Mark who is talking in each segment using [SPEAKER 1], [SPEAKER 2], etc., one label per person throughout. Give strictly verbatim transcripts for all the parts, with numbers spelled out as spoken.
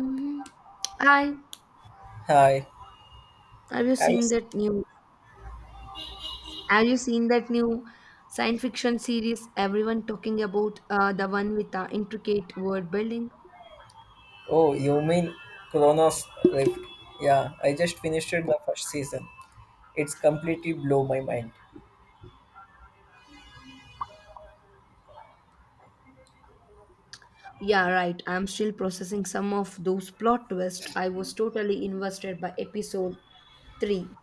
[SPEAKER 1] Hmm I
[SPEAKER 2] Hi.
[SPEAKER 1] have you
[SPEAKER 2] I
[SPEAKER 1] seen
[SPEAKER 2] was,
[SPEAKER 1] that new? Have you seen that new science fiction series? Everyone talking about uh, the one with the intricate world building.
[SPEAKER 2] oh, you mean Chronos Rift? Yeah, I just finished the first season. It's completely blow my mind.
[SPEAKER 1] Yeah, right. I'm still processing some of those plot twists. I was totally invested by episode three.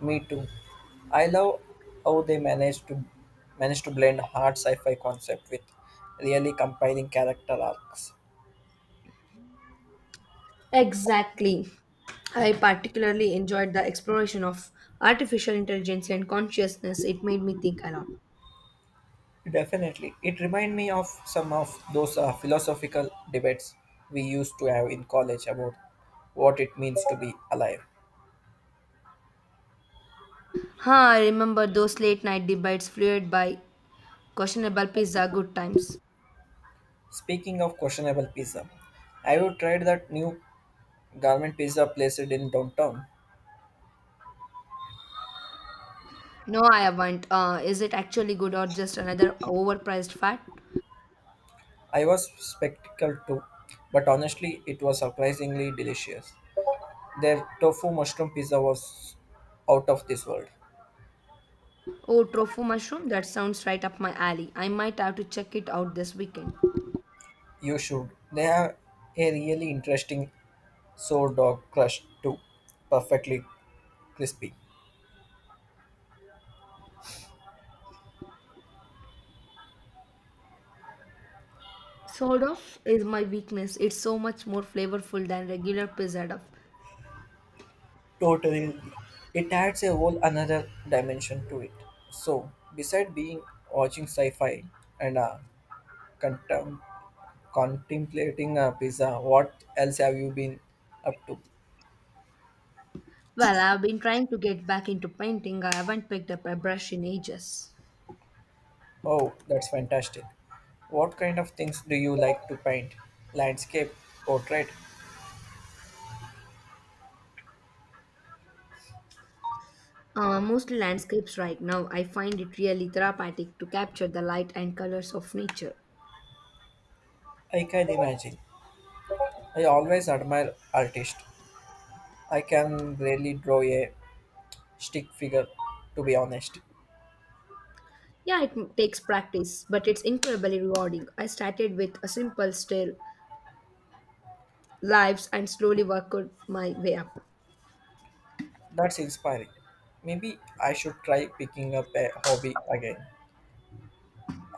[SPEAKER 2] Me too. I love how they managed to manage to blend hard sci-fi concept with really compelling character arcs.
[SPEAKER 1] Exactly. I particularly enjoyed the exploration of artificial intelligence and consciousness. It made me think a lot.
[SPEAKER 2] Definitely, it reminded me of some of those uh, philosophical debates we used to have in college about what it means to be alive.
[SPEAKER 1] Huh, I remember those late night debates fueled by questionable pizza good times.
[SPEAKER 2] Speaking of questionable pizza, have you tried that new Garment Pizza placed in downtown.
[SPEAKER 1] No, I haven't. Uh, is it actually good or just another overpriced fad?
[SPEAKER 2] I was spectacled too, but honestly, it was surprisingly delicious. Their tofu mushroom pizza was out of this world.
[SPEAKER 1] Oh, tofu mushroom, that sounds right up my alley. I might have to check it out this weekend.
[SPEAKER 2] You should. They have a really interesting sourdough crust too, perfectly crispy.
[SPEAKER 1] Sort of is my weakness. It's so much more flavorful than regular pizza dough.
[SPEAKER 2] Totally. It adds a whole another dimension to it. So, beside being watching sci-fi and uh, contem- contemplating a pizza. What else have you been up to?
[SPEAKER 1] Well, I've been trying to get back into painting. I haven't picked up a brush in ages.
[SPEAKER 2] Oh, that's fantastic. What kind of things do you like to paint? Landscape, portrait?
[SPEAKER 1] Uh, mostly landscapes right now. I find it really therapeutic to capture the light and colors of nature.
[SPEAKER 2] I can imagine. I always admire artists. I can really draw a stick figure, to be honest.
[SPEAKER 1] Yeah, it m- takes practice, but it's incredibly rewarding. I started with a simple still lives and slowly work out my way up.
[SPEAKER 2] That's inspiring. Maybe I should try picking up a hobby again.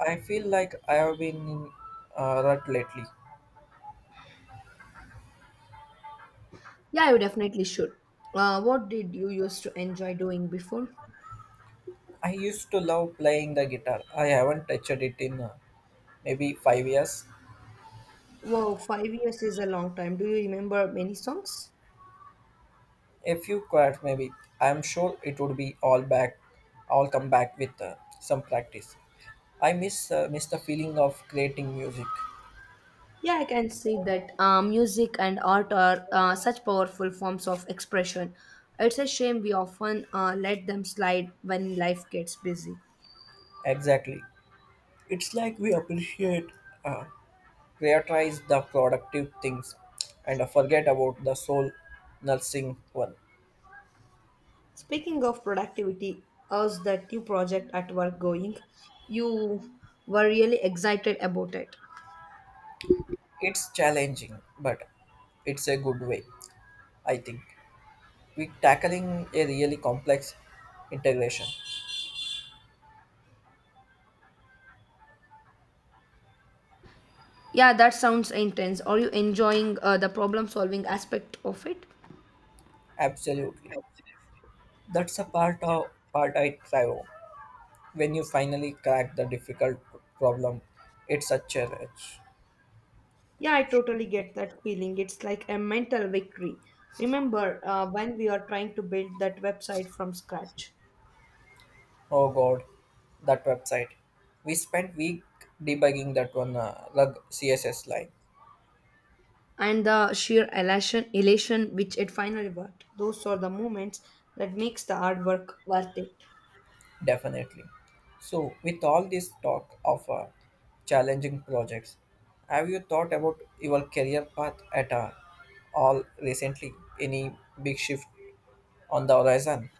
[SPEAKER 2] I feel like I have been in a rut lately.
[SPEAKER 1] Yeah, you definitely should. Uh, what did you used to enjoy doing before?
[SPEAKER 2] I used to love playing the guitar. I haven't touched it in uh, maybe five years.
[SPEAKER 1] Wow, five years is a long time. Do you remember many songs?
[SPEAKER 2] A few chords, maybe. I'm sure it would be all back, all come back with uh, some practice. I miss uh, miss the feeling of creating music.
[SPEAKER 1] Yeah, I can see that uh, music and art are uh, such powerful forms of expression. It's a shame we often uh, let them slide when life gets busy.
[SPEAKER 2] Exactly, it's like we appreciate, uh, prioritize the productive things, and uh, forget about the soul nursing one.
[SPEAKER 1] Speaking of productivity, how's that new project at work going? You were really excited about it.
[SPEAKER 2] It's challenging, but it's a good way, I think. We tackling a really complex integration.
[SPEAKER 1] Yeah, that sounds intense. Are you enjoying uh, the problem solving aspect of it?
[SPEAKER 2] Absolutely. That's a part of part I thrive on. When you finally crack the difficult problem, it's such a challenge.
[SPEAKER 1] Yeah, I totally get that feeling. It's like a mental victory. Remember uh, when we are trying to build that website from scratch?
[SPEAKER 2] Oh god, that website. We spent week debugging that one uh, rug C S S line.
[SPEAKER 1] And the sheer elation, elation which it finally worked. Those are the moments that makes the hard work worth it.
[SPEAKER 2] Definitely. So with all this talk of uh, challenging projects, have you thought about your career path at uh, all recently? Any big shift on the horizon.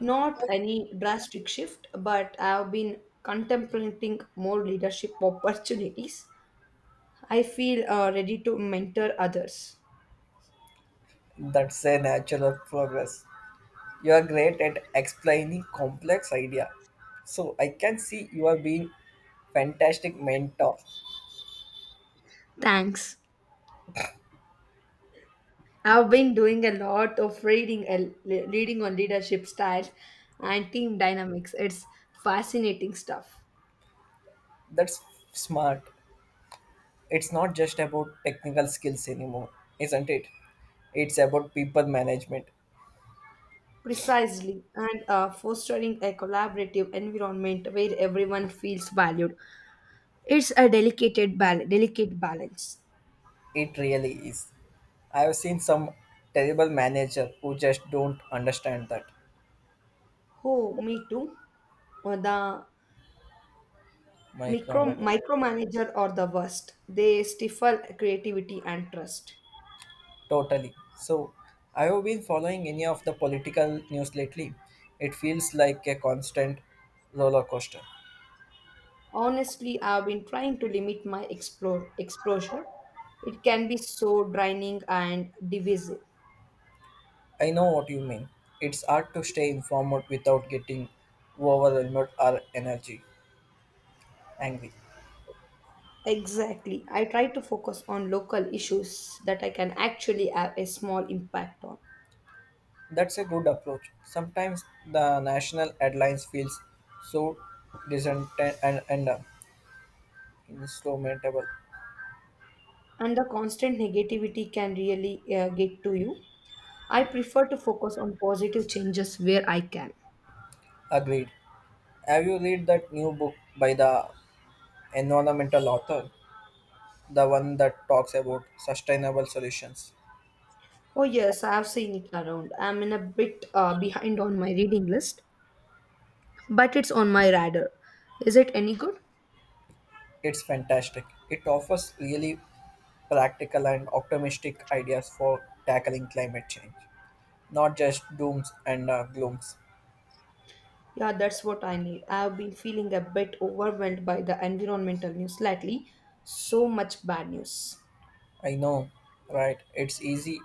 [SPEAKER 1] Not any drastic shift, but I've been contemplating more leadership opportunities. I feel uh, ready to mentor others.
[SPEAKER 2] That's a natural progress. You are great at explaining complex idea. So I can see you are being fantastic mentor.
[SPEAKER 1] Thanks. I've been doing a lot of reading, uh, le- reading on leadership styles and team dynamics. It's fascinating stuff.
[SPEAKER 2] That's smart. It's not just about technical skills anymore, isn't it? It's about people management.
[SPEAKER 1] Precisely, and uh, fostering a collaborative environment where everyone feels valued. It's a delicate, bal- delicate balance.
[SPEAKER 2] It really is. I have seen some terrible manager who just don't understand that
[SPEAKER 1] Oh, me too. Or the micro
[SPEAKER 2] micromanagement.
[SPEAKER 1] micromanager or the worst. They stifle creativity and trust.
[SPEAKER 2] Totally. So, have you been following any of the political news lately? It feels like a constant roller coaster.
[SPEAKER 1] Honestly, I've been trying to limit my explore, exposure. It can be so draining and divisive.
[SPEAKER 2] I know what you mean. It's hard to stay informed without getting overwhelmed or energy angry.
[SPEAKER 1] Exactly. I try to focus on local issues that I can actually have a small impact on.
[SPEAKER 2] That's a good approach. Sometimes the national headlines feels so distant and, and uh, insurmountable.
[SPEAKER 1] And the constant negativity can really uh, get to you. I prefer to focus on positive changes where I can.
[SPEAKER 2] Agreed. Have you read that new book by the environmental author? The one that talks about sustainable solutions.
[SPEAKER 1] Oh, yes, I have seen it around. I'm in a bit uh, behind on my reading list, but it's on my radar. Is it any good?
[SPEAKER 2] It's fantastic. It offers really practical and optimistic ideas for tackling climate change, not just dooms and uh, glooms.
[SPEAKER 1] Yeah, that's what I need. I've been feeling a bit overwhelmed by the environmental news lately. So much bad news.
[SPEAKER 2] I know, right? It's easy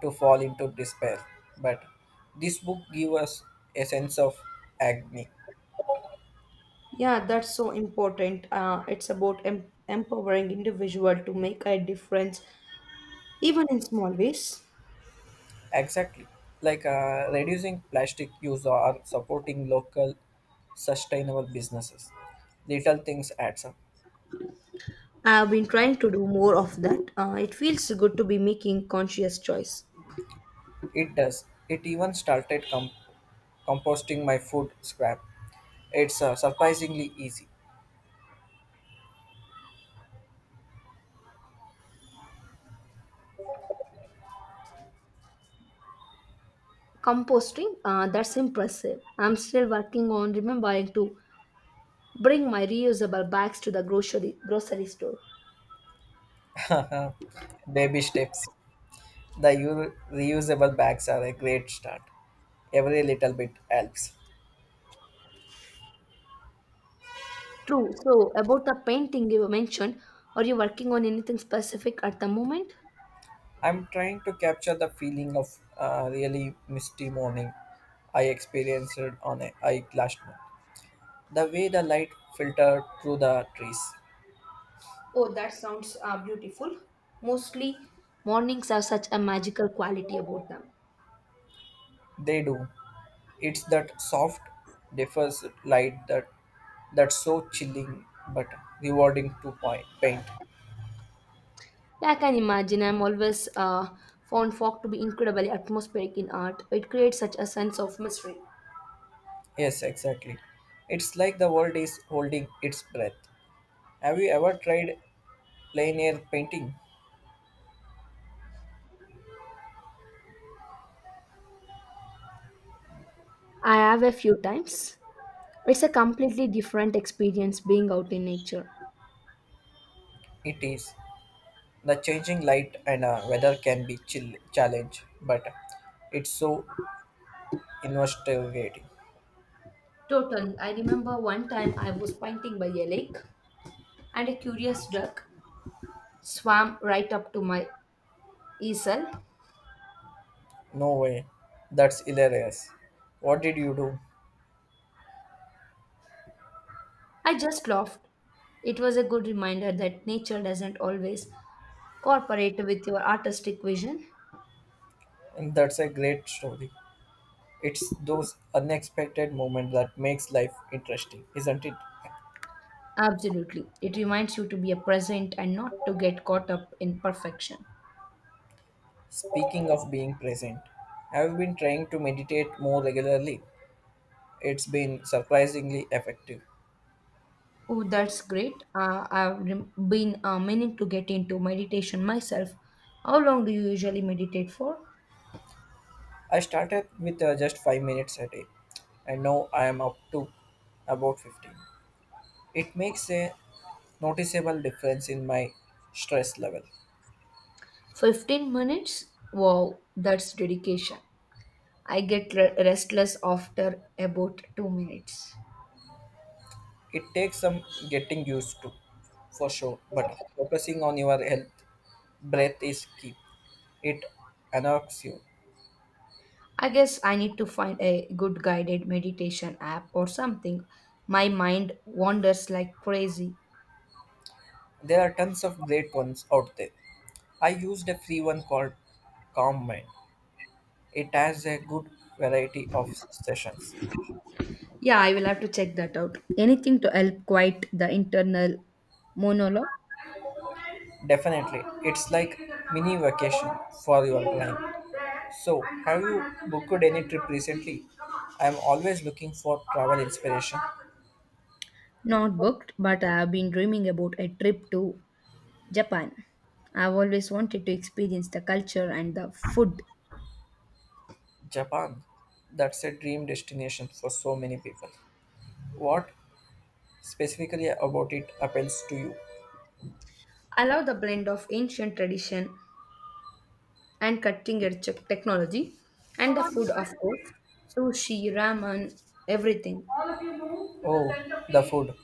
[SPEAKER 2] to fall into despair, but this book gives us a sense of agony.
[SPEAKER 1] Yeah, that's so important. Uh, it's about em- empowering individual to make a difference, even in small ways.
[SPEAKER 2] Exactly. Like uh, reducing plastic use or supporting local sustainable businesses. Little things adds up.
[SPEAKER 1] I've been trying to do more of that. Uh, it feels good to be making conscious choice.
[SPEAKER 2] It does. It even started com- composting my food scrap. It's uh, surprisingly easy.
[SPEAKER 1] Composting, uh, that's impressive. I'm still working on remembering to bring my reusable bags to the grocery grocery store.
[SPEAKER 2] Baby steps. The u- reusable bags are a great start. Every little bit helps.
[SPEAKER 1] True. So, about the painting you mentioned, are you working on anything specific at the moment?
[SPEAKER 2] I'm trying to capture the feeling of uh, really misty morning I experienced on a hike last month. The way the light filtered through the trees.
[SPEAKER 1] Oh, that sounds uh, beautiful. Mostly, mornings have such a magical quality about them.
[SPEAKER 2] They do. It's that soft, diffuse light that that's so chilling but rewarding to pi- paint.
[SPEAKER 1] Yeah, I can imagine. I'm always uh, found folk to be incredibly atmospheric in art. It creates such a sense of mystery.
[SPEAKER 2] Yes, exactly. It's like the world is holding its breath. Have you ever tried plein air painting?
[SPEAKER 1] I have a few times. It's a completely different experience being out in nature.
[SPEAKER 2] It is. The changing light and uh, weather can be chill challenge, but it's so investigating.
[SPEAKER 1] Totally. I remember one time I was painting by a lake and a curious duck swam right up to my Isal,
[SPEAKER 2] No way. That's hilarious. What did you do?
[SPEAKER 1] I just laughed. It was a good reminder that nature doesn't always cooperate with your artistic vision.
[SPEAKER 2] And that's a great story. It's those unexpected moments that makes life interesting, isn't it?
[SPEAKER 1] Absolutely. It reminds you to be a present and not to get caught up in perfection.
[SPEAKER 2] Speaking of being present, I've been trying to meditate more regularly. It's been surprisingly effective.
[SPEAKER 1] Oh, that's great. Uh, I've rem- been uh, meaning to get into meditation myself. How long do you usually meditate for?
[SPEAKER 2] I started with uh, just five minutes a day and now I am up to about fifteen. It makes a noticeable difference in my stress level.
[SPEAKER 1] fifteen minutes? Wow, that's dedication. I get re- restless after about two minutes.
[SPEAKER 2] It takes some getting used to, for sure, but focusing on your health, breath is key. It unlocks you.
[SPEAKER 1] I guess I need to find a good guided meditation app or something. My mind wanders like crazy.
[SPEAKER 2] There are tons of great ones out there. I used a free one called Calm Mind. It has a good variety of sessions.
[SPEAKER 1] Yeah, I will have to check that out. Anything to help quiet the internal monologue?
[SPEAKER 2] Definitely, it's like mini vacation for your mind. So, have you booked any trip recently? I am always looking for travel inspiration.
[SPEAKER 1] Not booked, but I have been dreaming about a trip to Japan. I've always wanted to experience the culture and the food.
[SPEAKER 2] Japan, that's a dream destination for so many people. What specifically about it appeals to you?
[SPEAKER 1] I love the blend of ancient tradition and cutting edge technology and the food, of course. Sushi, ramen, everything.
[SPEAKER 2] Oh, the food.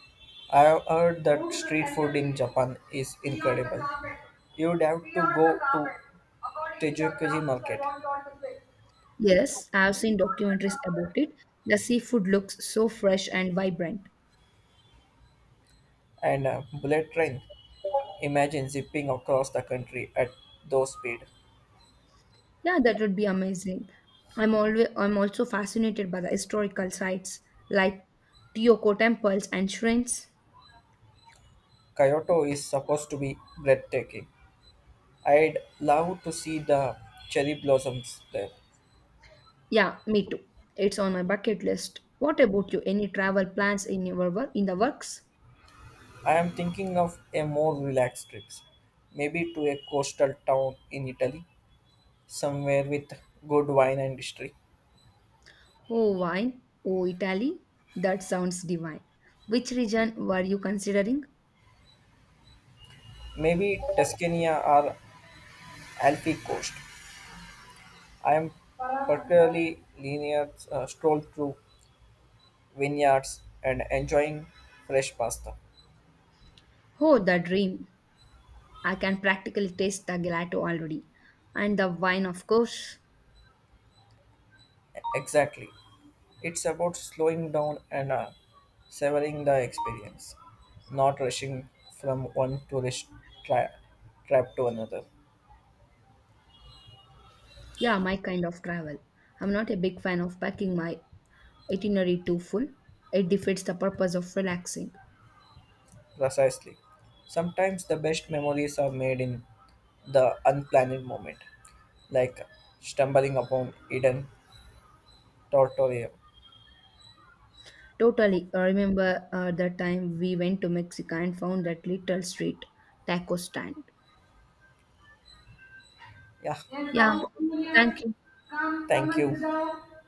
[SPEAKER 2] I have heard that street food in Japan is incredible. You'd have to go to Tejukuji market
[SPEAKER 1] Yes, I've seen documentaries about it. The seafood looks so fresh and vibrant.
[SPEAKER 2] and a bullet train. Imagine zipping across the country at those speed.
[SPEAKER 1] Yeah, that would be amazing. I'm always I'm also fascinated by the historical sites like Teotihuacan temples and shrines.
[SPEAKER 2] Kyoto is supposed to be breathtaking. I'd love to see the cherry blossoms there.
[SPEAKER 1] Yeah, me too. It's on my bucket list. What about you? Any travel plans in your work in the works?
[SPEAKER 2] I am thinking of a more relaxed trip, maybe to a coastal town in Italy, somewhere with good wine and history.
[SPEAKER 1] Oh, wine. Oh, Italy. That sounds divine. Which region were you considering?
[SPEAKER 2] Maybe Tuscany or Alpi coast. I am particularly linear uh, stroll through vineyards and enjoying fresh pasta.
[SPEAKER 1] Oh, the dream. I can practically taste the gelato already. And the wine, of course.
[SPEAKER 2] Exactly. It's about slowing down and uh, savoring the experience, not rushing from one tourist tra- trap to another.
[SPEAKER 1] Yeah, my kind of travel. I'm not a big fan of packing my itinerary too full. It defeats the purpose of relaxing.
[SPEAKER 2] Precisely. Sometimes the best memories are made in the unplanned moment, like stumbling upon hidden territory.
[SPEAKER 1] Totally. I remember uh, the time we went to Mexico and found that little street taco stand.
[SPEAKER 2] Yeah,
[SPEAKER 1] Yeah, thank you.
[SPEAKER 2] thank you.